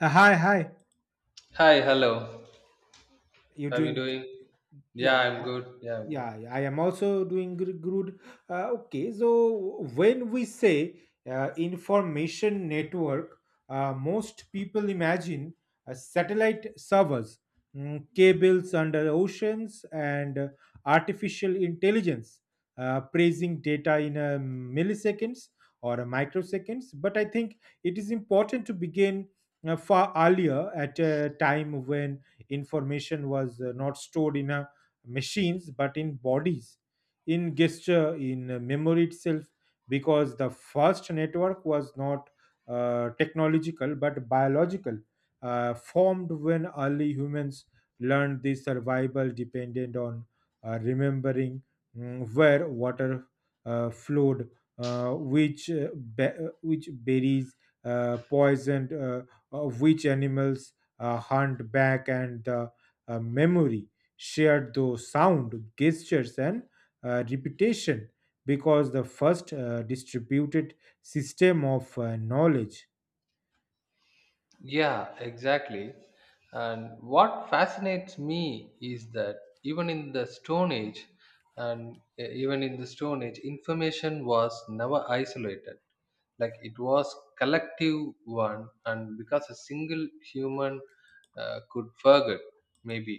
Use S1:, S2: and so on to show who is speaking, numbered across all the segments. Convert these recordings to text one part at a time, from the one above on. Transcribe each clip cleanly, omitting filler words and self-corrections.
S1: Hi, hi.
S2: Hi, hello.
S1: You're
S2: How are you
S1: doing,
S2: doing? Yeah,
S1: yeah,
S2: I'm good. Yeah, I'm good.
S1: yeah, I am also doing good. Okay, so when we say information network, most people imagine satellite servers, cables under oceans, and artificial intelligence praising data in milliseconds or microseconds. But I think it is important to begin far earlier, at a time when information was not stored in a machines but in bodies, in gesture, in memory itself, because the first network was not technological but biological, formed when early humans learned the survival depended on remembering where water flowed, uh, which uh, which berries poisoned, which animals hunt back, and the memory shared through sound, gestures, and repetition, because the first distributed system of knowledge.
S2: Yeah, exactly. And what fascinates me is that even in the Stone Age, and e- even in the Stone Age, information was never isolated. Like it was collective one, and because a single human could forget, maybe,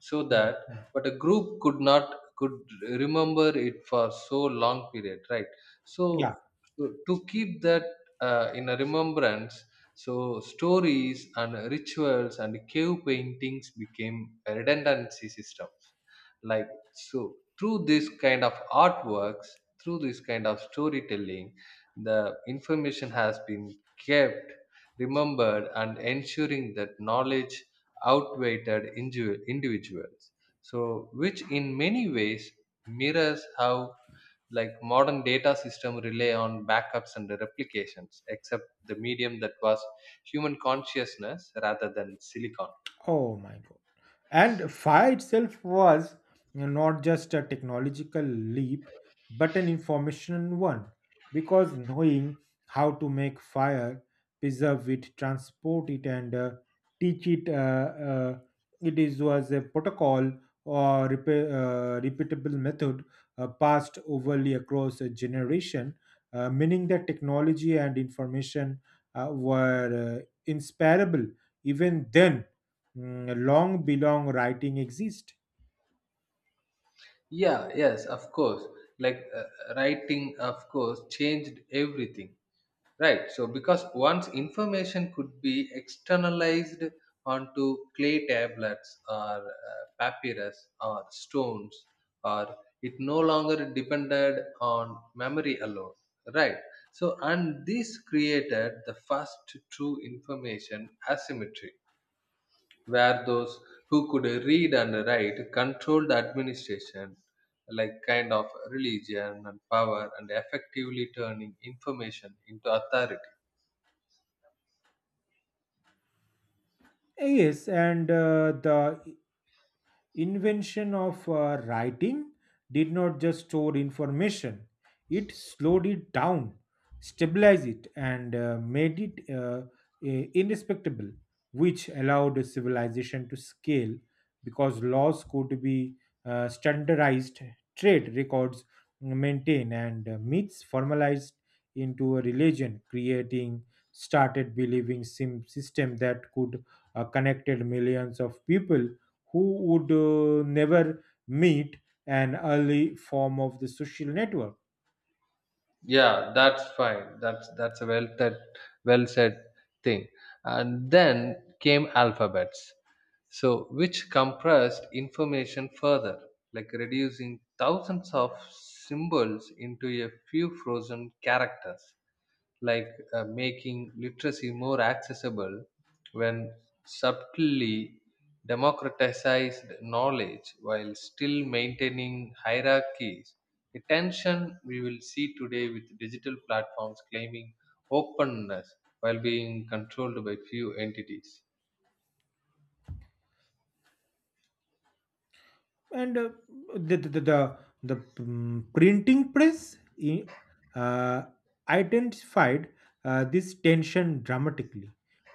S2: so
S1: Mm.
S2: that, but a group could not could remember it for so long period, right? So,
S1: Yeah.
S2: so, to keep that in a remembrance, so stories and rituals and cave paintings became redundancy systems. Like so through this kind of artworks, through this kind of storytelling, the information has been kept, remembered, and ensuring that knowledge outweighed individuals. So which in many ways mirrors how like modern data system rely on backups and replications except the medium that was human consciousness rather than silicon.
S1: Oh my god. And fire itself was not just a technological leap, but an information one. Because knowing how to make fire, preserve it, transport it, and teach it, it is was a protocol or repeatable method passed overly across a generation, meaning that technology and information were inseparable even then, long belong writing exist.
S2: Yeah, yes, of course. Like writing of course changed everything. Right. So because once information could be externalized onto clay tablets or papyrus or stones, or it no longer depended on memory alone. Right. So, and this created the first true information asymmetry, where those who could read and write controlled administration, like kind of religion and power, and effectively turning information into authority.
S1: Yes, and the invention of writing did not just store information, it slowed it down, stabilized it, and made it indestructible, which allowed a civilization to scale, because laws could be standardized, trade records maintained, and myths formalized into a religion, creating started believing system that could connected millions of people who would never meet, an early form of the social network.
S2: Yeah, that's fine. That's a well that well said thing. And then came alphabets, so which compressed information further, like reducing thousands of symbols into a few frozen characters, like making literacy more accessible, when subtly democratized knowledge while still maintaining hierarchies. The tension we will see today with digital platforms claiming openness while being controlled by few entities.
S1: And the the the, the, the, printing press i- uh, identified this tension dramatically,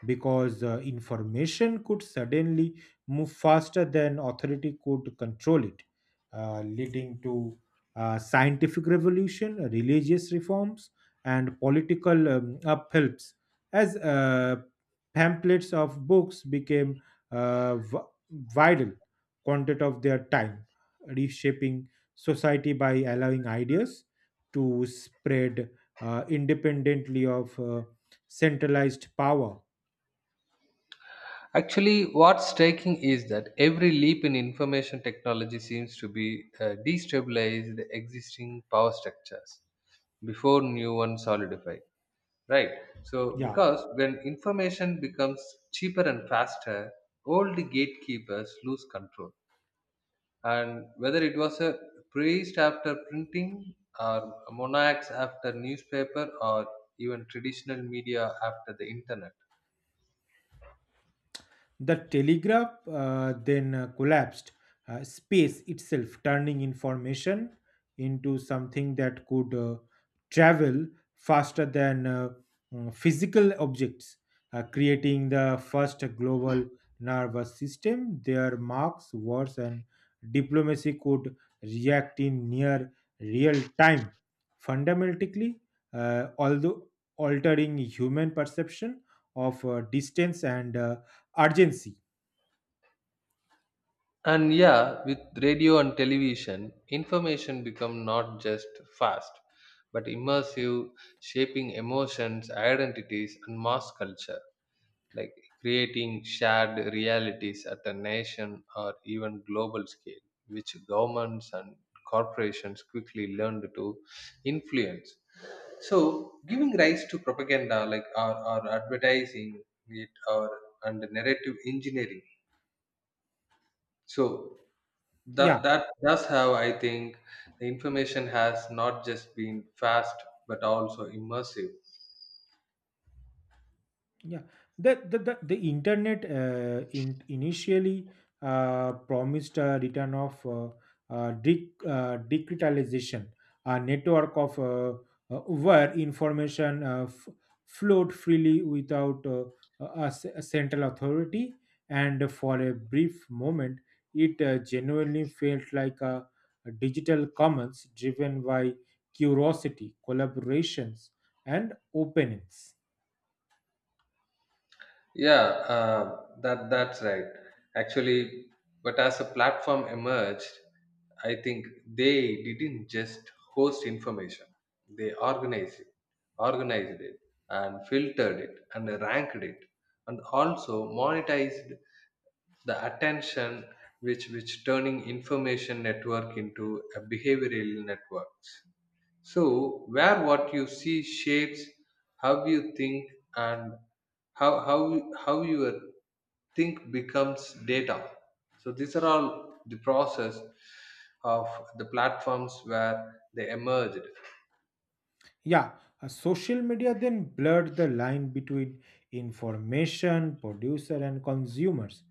S1: because information could suddenly move faster than authority could control it, leading to scientific revolution, religious reforms, and political uphelps, as pamphlets of books became uh, v- vital quantity of their time, reshaping society by allowing ideas to spread independently of centralized power.
S2: Actually, what's striking is that every leap in information technology seems to be destabilized existing power structures before new ones solidify. Right. So
S1: Yeah.
S2: because when information becomes cheaper and faster, all the gatekeepers lose control, and whether it was a priest after printing, or monarchs after newspaper, or even traditional media after the internet.
S1: The telegraph then collapsed space itself, turning information into something that could travel faster than physical objects, creating the first global nervous system. Their marks, wars, and diplomacy could react in near real time. Fundamentally, although altering human perception of distance and urgency.
S2: And yeah, with radio and television, information become not just fast but immersive, shaping emotions identities and mass culture, like creating shared realities at a nation or even global scale, which governments and corporations quickly learned to influence. So, giving rise to propaganda, like or advertising it, or and narrative engineering. So
S1: yeah
S2: that does how I think, the information has not just been fast but also immersive.
S1: yeah The the, internet, initially promised a return of digitalization, a network of where information flowed freely without a central authority, and for a brief moment it genuinely felt like a digital commons driven by curiosity, collaborations, and openness.
S2: Yeah, that's right. Actually, but as a platform emerged, I think they didn't just host information; they organized it, and filtered it, and ranked it, and also monetized the attention, which turning information network into a behavioral networks. So, where what you see shapes how you think, and how your think becomes data. So, these are all the process of the platforms where they emerged.
S1: Yeah, Social media then blurred the line between information producer and consumers,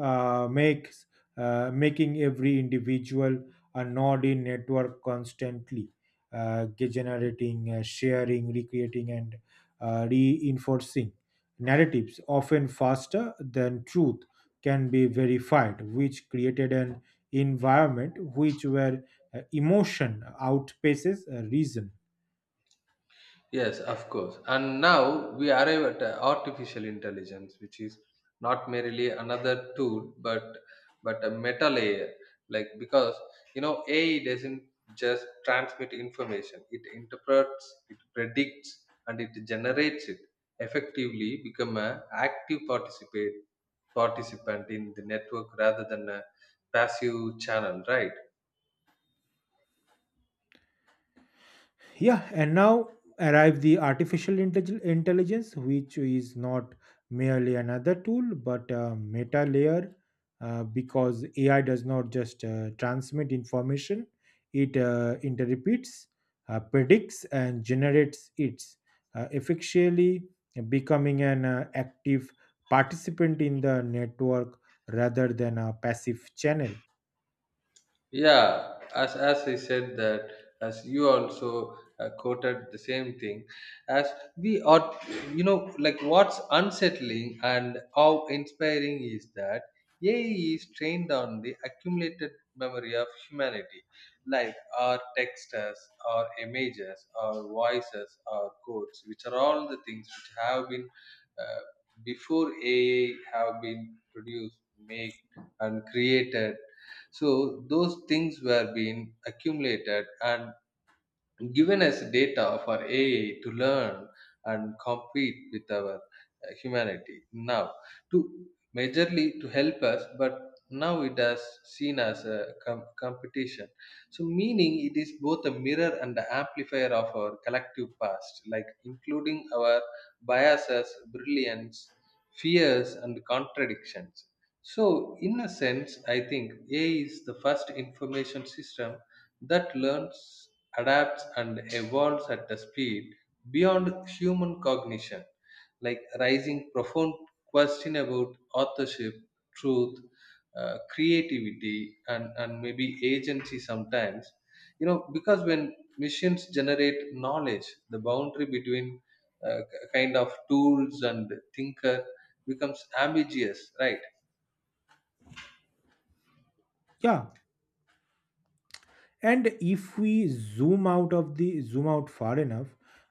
S1: makes making every individual a node in network, constantly generating, sharing, recreating, and reinforcing narratives often faster than truth can be verified, which created an environment which where emotion outpaces reason.
S2: Yes, of course. And now we arrive at artificial intelligence, which is not merely another tool, but a meta layer. Like because AI doesn't just transmit information; it interprets, it predicts, and it generates it. Effectively, become a active participate participant in the network rather than a passive channel, right?
S1: Yeah, and now arrive the artificial intelligence, which is not merely another tool but a meta layer, because AI does not just transmit information, it interprets, predicts, and generates its, effectively becoming an active participant in the network rather than a passive channel.
S2: Yeah, as I said that, as you also quoted the same thing. As we are, like what's unsettling and how inspiring is that AI is trained on the accumulated memory of humanity, like our texts, our images, our voices, our codes, which are all the things which have been, uh, before AI, have been produced, made, and created. So those things were being accumulated and given us data for AI to learn and compete with our humanity now, to majorly to help us, but now it has seen as a competition. So meaning it is both a mirror and the amplifier of our collective past, like including our biases, brilliance, fears, and contradictions. So in a sense, I think AI is the first information system that learns, adapts, and evolves at a speed beyond human cognition, like raising profound question about authorship, truth, creativity, and maybe agency sometimes. Because when machines generate knowledge, the boundary between uh, k- kind of tools and thinker becomes ambiguous, right?
S1: Yeah, and if we zoom out of the zoom out far enough,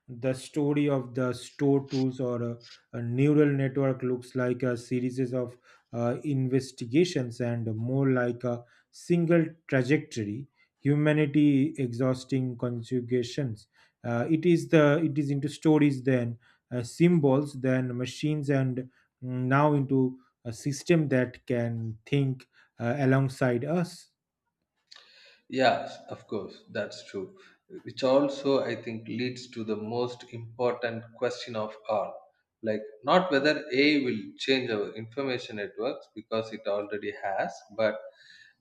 S1: the story of the store tools or a neural network looks like a series of investigations, and more like a single trajectory, humanity exhausting conjugations. It is the it is into stories, then symbols, then machines, and now into a system that can think alongside us.
S2: Yes, of course, that's true. Which also, I think, leads to the most important question of all. Like, not whether AI will change our information networks because it already has, but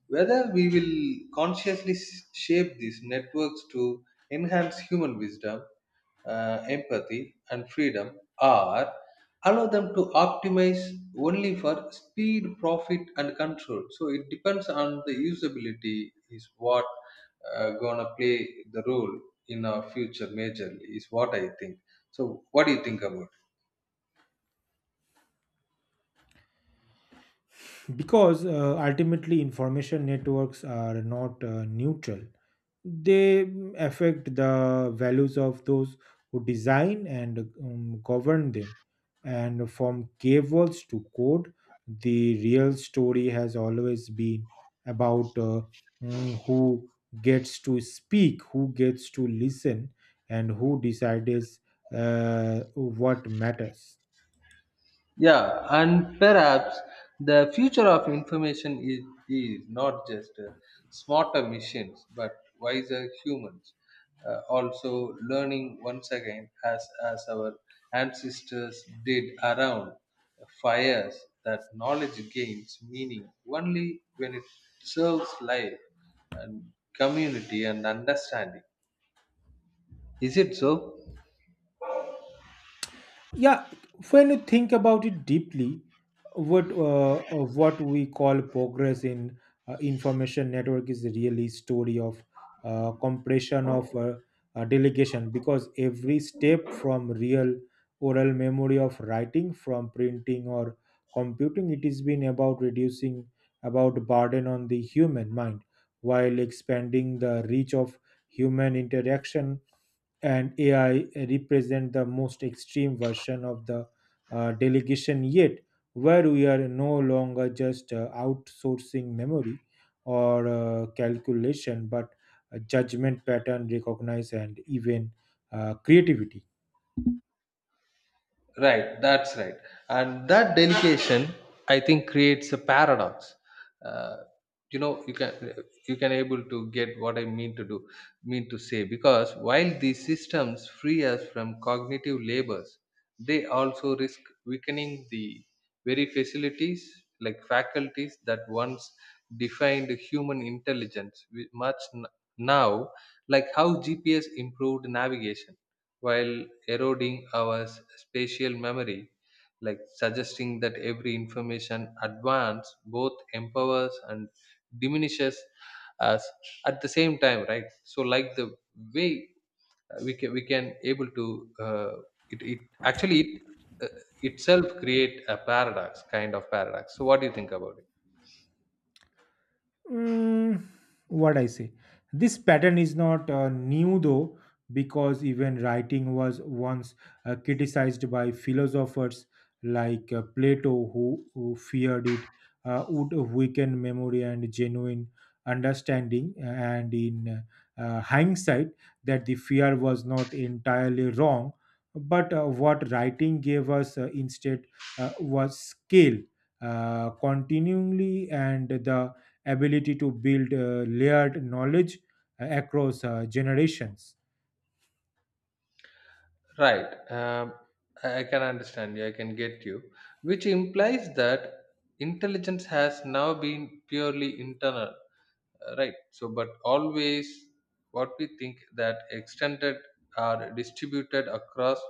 S2: whether we will consciously shape these networks to enhance human wisdom, empathy, and freedom, or allow them to optimize only for speed profit and control. So it depends on the usability is what gonna play the role in our future majorly is what I think. So what do you think about?
S1: Because ultimately information networks are not neutral, they affect the values of those who design and govern them, and from cables to code the real story has always been about who gets to speak, who gets to listen, and who decides what matters.
S2: Yeah, and perhaps the future of information is not just smarter machines but wiser humans. Also, learning once again, as our ancestors did around fires, that knowledge gains meaning only when it serves life and community and understanding. Is it so?
S1: Yeah, when you think about it deeply, what we call progress in information network is really story of compression, of delegation, because every step from real oral memory of writing, from printing or computing, it has been about reducing about burden on the human mind while expanding the reach of human interaction. And AI represent the most extreme version of the delegation yet, where we are no longer just outsourcing memory or calculation, but a judgment, pattern recognize, and even creativity.
S2: Right, that's right. And that delegation, I think, creates a paradox. uh, you know you can able to get what I mean to do, mean to say, because while these systems free us from cognitive labors, they also risk weakening the very facilities, like faculties that once defined human intelligence with much now, like how GPS improved navigation while eroding our spatial memory, like suggesting that every information advance both empowers and diminishes us at the same time, right? So, like the way we can able to, it actually it, uh, itself create a paradox kind of paradox. So what do you think about it?
S1: Mm, what I say, this pattern is not new though, because even writing was once criticized by philosophers like Plato, who feared it would weaken memory and genuine understanding. And in hindsight, that the fear was not entirely wrong, but what writing gave us instead was scale. Continually, and the ability to build layered knowledge across generations.
S2: Right. I can understand you, I can get you, which implies that intelligence has now been purely internal. Right. So but always what we think that extended are distributed across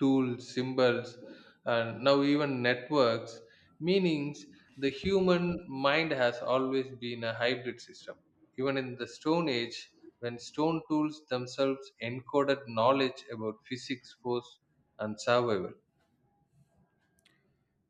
S2: tools symbols and now even networks meanings. The human mind has always been a hybrid system, even in the Stone Age, when stone tools themselves encoded knowledge about physics force and survival.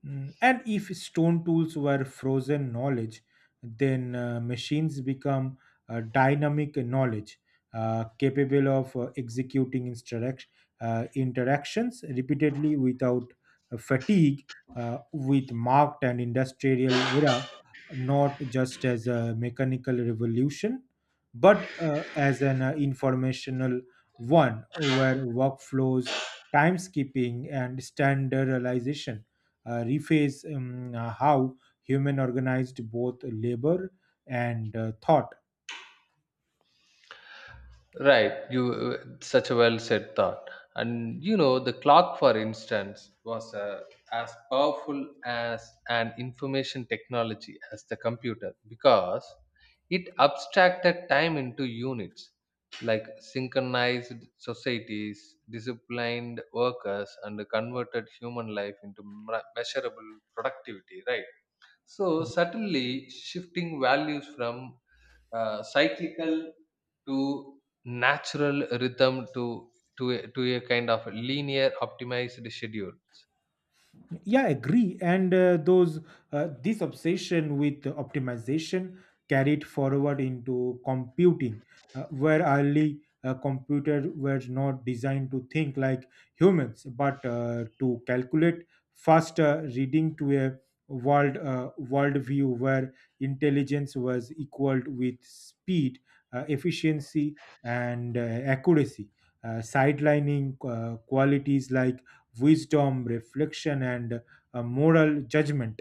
S1: And if stone tools were frozen knowledge, then machines become dynamic knowledge, capable of executing interactions repeatedly without fatigue, with marked and industrial era, not just as a mechanical revolution, but as an informational one, where workflows, timekeeping, and standardization rephrase how human organized both labor and thought.
S2: Right, you such a well said thought. And the clock, for instance, was as powerful as an information technology as the computer, because it abstracted time into units, like synchronized societies, disciplined workers, and converted human life into measurable productivity. Right. So suddenly shifting values from cyclical to natural rhythm, to a kind of linear optimized schedule.
S1: Yeah, agree, and those this obsession with optimization carried forward into computing, where early computers were not designed to think like humans but to calculate faster, reading to a world world view where intelligence was equaled with speed, efficiency, and accuracy, sidelining qualities like wisdom, reflection, and moral judgment.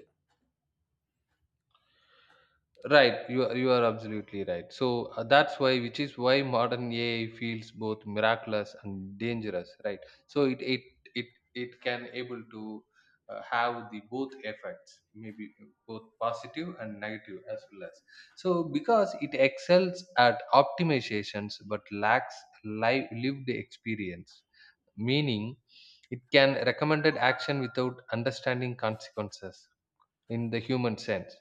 S2: Right, you are absolutely right. So that's why, which is why modern AI feels both miraculous and dangerous, right? So it it can able to have the both effects, maybe both positive and negative as well as. So because it excels at optimizations but lacks lived experience, meaning it can recommended action without understanding consequences in the human sense,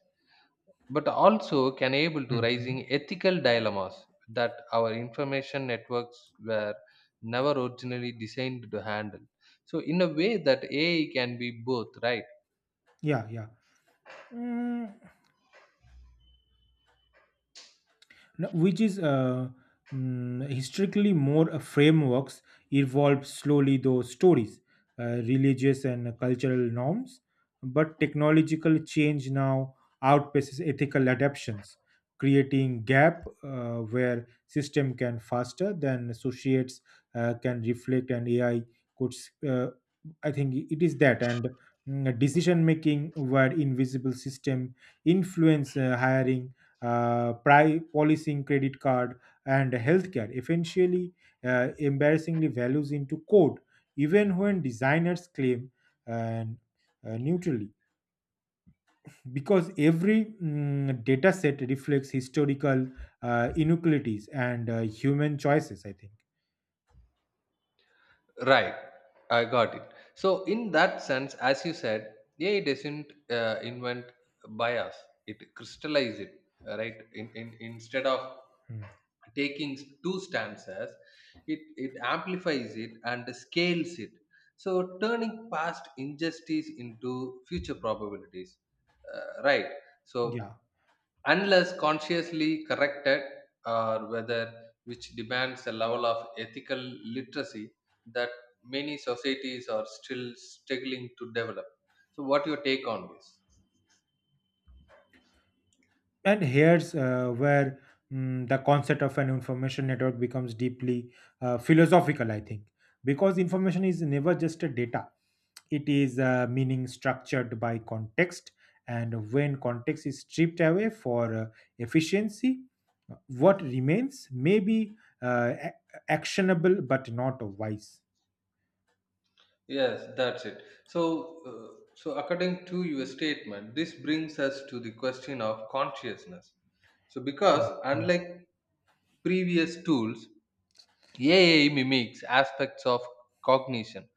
S2: but also can able to
S1: Mhm.
S2: raising ethical dilemmas that our information networks were never originally designed to handle. So in a way that AI can be both right.
S1: Yeah, yeah. Mm, No, which is historically more frameworks evolved slowly, those stories religious and cultural norms, but technological change now outpaces ethical adaptations, creating gap where system can faster than associates can reflect. And AI could I think it is that, and decision making where invisible system influence hiring, policing, credit card, and healthcare, eventually embarrassingly values into code, even when designers claim uh, neutrally, because every data set reflects historical inequalities and human choices, I think.
S2: Right, I got it. So, in that sense, as you said, AI doesn't invent bias; it crystallizes it. Right, in instead of
S1: Mm.
S2: taking two stances, it amplifies it and scales it. So, turning past injustice into future probabilities. Right. So
S1: Yeah,
S2: unless consciously corrected, or whether, which demands a level of ethical literacy that many societies are still struggling to develop. So what your take on this?
S1: and here's where the concept of an information network becomes deeply philosophical, I think, because information is never just a data, it is meaning structured by context, and when context is stripped away for efficiency, what remains may be uh, a- actionable but not wise.
S2: Yes, that's it. So according to your statement, this brings us to the question of consciousness. So because
S1: Mhm.
S2: unlike previous tools, AI mimics aspects of cognition.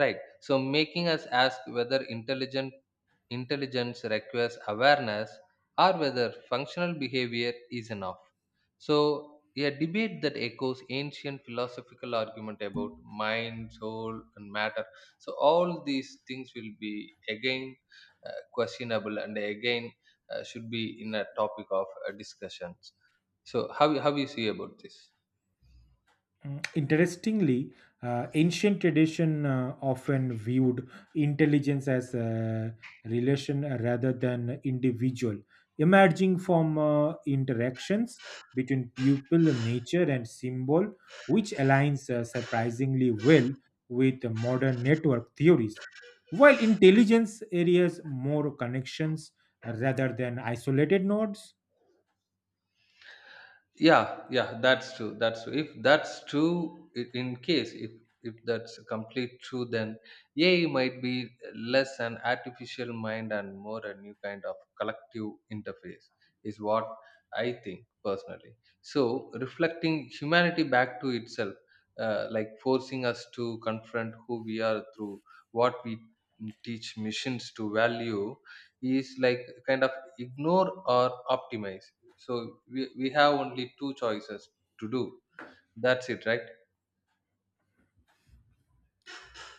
S2: Right. So making us ask whether intelligent intelligence requires awareness, or whether functional behavior is enough. So a debate that echoes ancient philosophical argument about mind, soul, and matter. So all these things will be again questionable, and again should be in a topic of discussions. So how you see about this?
S1: Interestingly, ancient tradition often viewed intelligence as a relation rather than individual, emerging from interactions between pupil, nature, and symbol, which aligns surprisingly well with modern network theories. While intelligence areas more connections rather than isolated nodes.
S2: Yeah, yeah, that's true, that's true. If that's true, in case if that's complete true, then AI might be less an artificial mind and more a new kind of collective interface, is what I think personally. So reflecting humanity back to itself, like forcing us to confront who we are through what we teach machines to value, is like kind of ignore or optimize. So we have only two choices to do, that's it, right?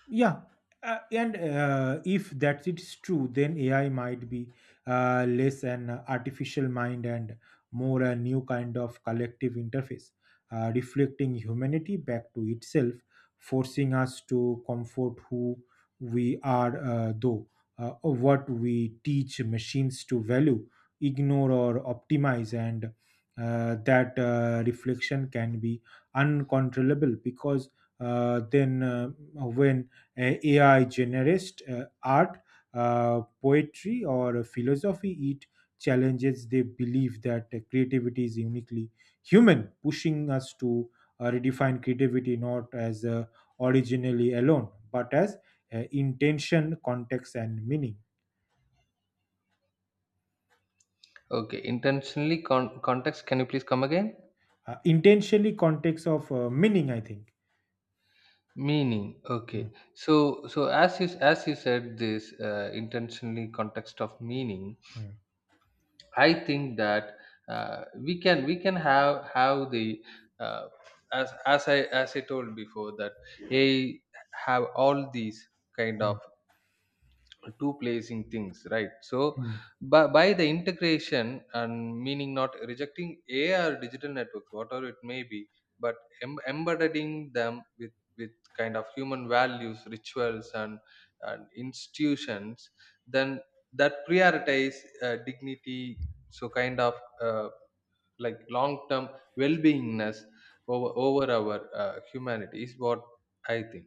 S1: Yeah, and if that it's true, then AI might be less an artificial mind and more a new kind of collective interface, reflecting humanity back to itself, forcing us to comfort who we are, though what we teach machines to value, ignore or optimize, and that reflection can be uncontrollable, because then when AI generates art, poetry, or philosophy, it challenges the belief that creativity is uniquely human, pushing us to redefine creativity not as originally alone, but as intention, context, and meaning.
S2: Okay, intentionally context, can you please come again?
S1: Intentionally, context of meaning, I think.
S2: Meaning,
S1: Mm,
S2: okay. So as you said this, intentionally context of meaning,
S1: mm,
S2: I think that we can have the, uh, as I told before, that AI have all these kind of
S1: mm,
S2: two placing things, right? So
S1: mm.
S2: by the integration and meaning, not rejecting AI or digital networks whatever it may be, but embedding them with kind of human values rituals and institutions, then that prioritize dignity, so kind of uh, like long term well beingness over our humanity is what I think.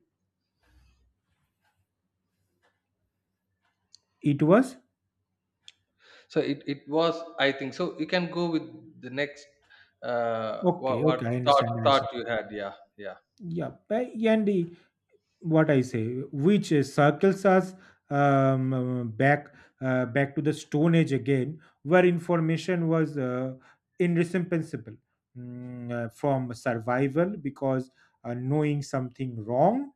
S1: It was
S2: So it was, I think. So you can go with the next, what,
S1: okay.
S2: what
S1: Okay, I
S2: thought
S1: understand. I
S2: thought
S1: see.
S2: you had. Yeah, yeah,
S1: Yeah, and what I say, which circles us um, uh, back back to the Stone Age again, where information was indispensable from survival, because knowing something wrong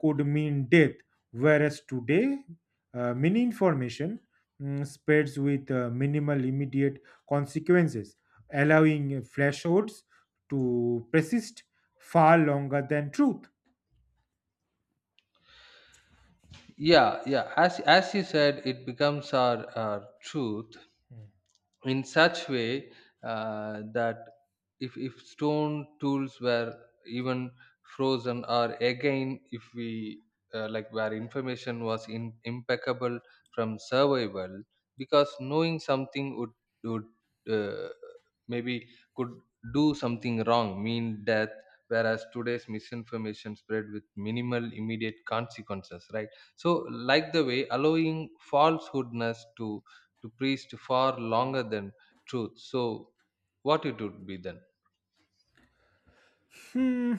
S1: could mean death, whereas today, many information spreads with minimal immediate consequences, allowing falsehoods to persist far longer than truth.
S2: yeah, yeah. As you said, it becomes our truth, in such way that if stone tools were even frozen, or again if we like where information was impeccable from survival, because knowing something would uh, maybe, could do something wrong mean death, whereas today's misinformation spread with minimal immediate consequences, right? So like the way allowing falsehoodness to priest far longer than truth, so what it would be then?
S1: Hmm.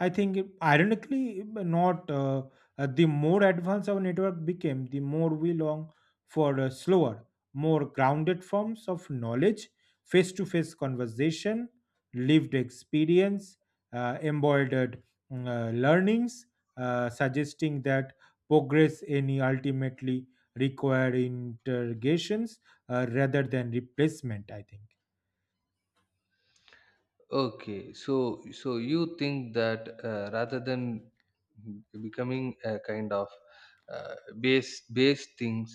S1: I think, ironically, not the more advanced our network became, the more we long for slower, more grounded forms of knowledge, face to face conversation, lived experience, embroidered learnings, suggesting that progress any ultimately require interrogations rather than replacement, I think.
S2: Okay, so you think that, rather than becoming a kind of uh, base base things,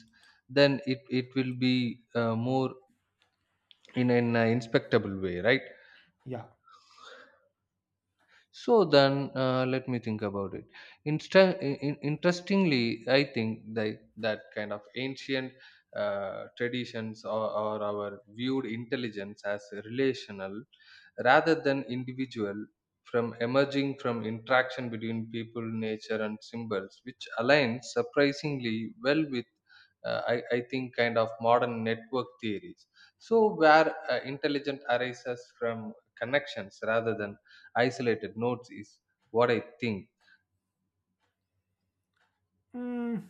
S2: then it will be more in an inspectable way, right?
S1: Yeah.
S2: So then, let me think about it. Interestingly, I think that kind of ancient traditions, or our viewed intelligence as relational rather than individual, from emerging from interaction between people, nature, and symbols, which aligns surprisingly well with I think kind of modern network theories, so where intelligence arises from connections rather than isolated notes, is what I think.
S1: Mm,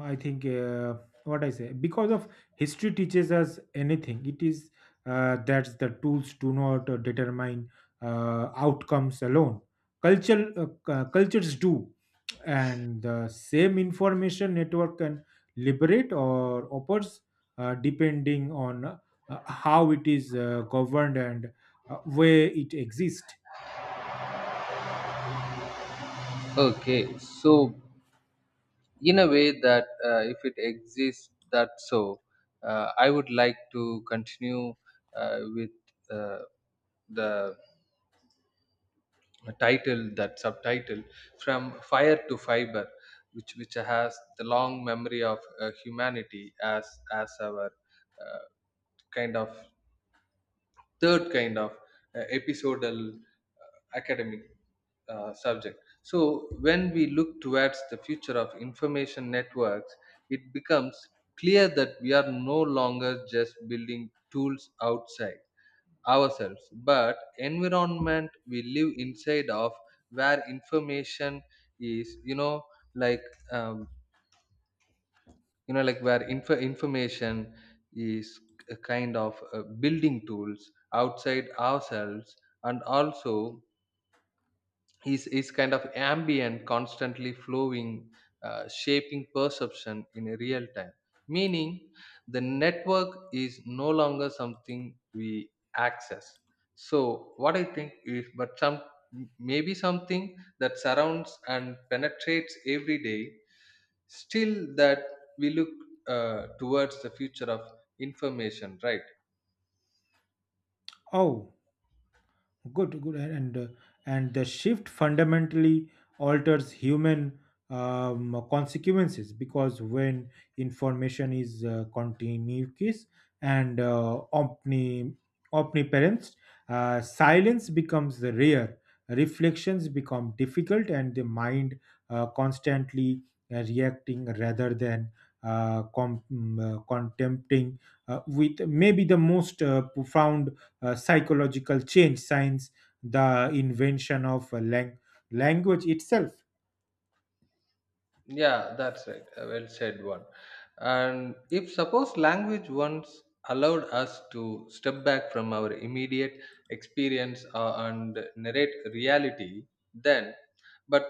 S1: I think what I say, because of history teaches us anything, it is that the tools do not determine outcomes alone. Culture, cultures do, and the same information network can liberate or oppose depending on how it is governed and where it exists.
S2: Okay, so in a way that if it exists, that, so I would like to continue with uh, the title, that subtitle, from fire to fiber, which has the long memory of humanity as our uh, kind of third kind of episodal academic subject. So, when we look towards the future of information networks, it becomes clear that we are no longer just building tools outside ourselves, but environment we live inside of, where information is, like um, where information is a kind of building tools outside ourselves, and also is kind of ambient constantly flowing, shaping perception in a real time, meaning the network is no longer something we access. So what I think is, but some maybe something that surrounds and penetrates every day still that we look towards the future of information, right?
S1: Oh, good, good, and the shift fundamentally alters human consequences, because when information is continuous and omniparent, silence becomes rare, reflections become difficult, and the mind constantly reacting rather than contempting, with maybe the most profound psychological change science, the invention of language itself.
S2: Yeah, that's right. A well said one. And if suppose language once allowed us to step back from our immediate experience, and narrate reality, then but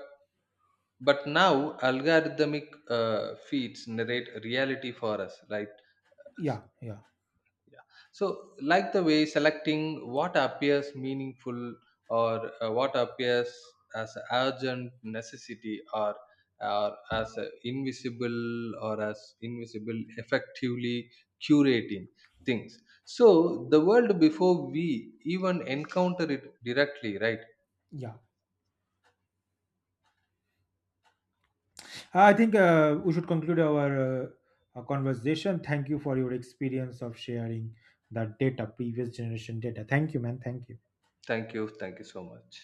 S2: but now algorithmic feeds narrate reality for us, right?
S1: yeah yeah
S2: So, like the way selecting what appears meaningful, or what appears as a urgent necessity, or as a invisible, or as invisible, effectively curating things. So, the world before we even encounter it directly, right?
S1: yeah Uh, I think we should conclude our conversation. Thank you for your experience of sharing the data, previous generation data. Thank you, man. Thank you.
S2: Thank you. Thank you so much.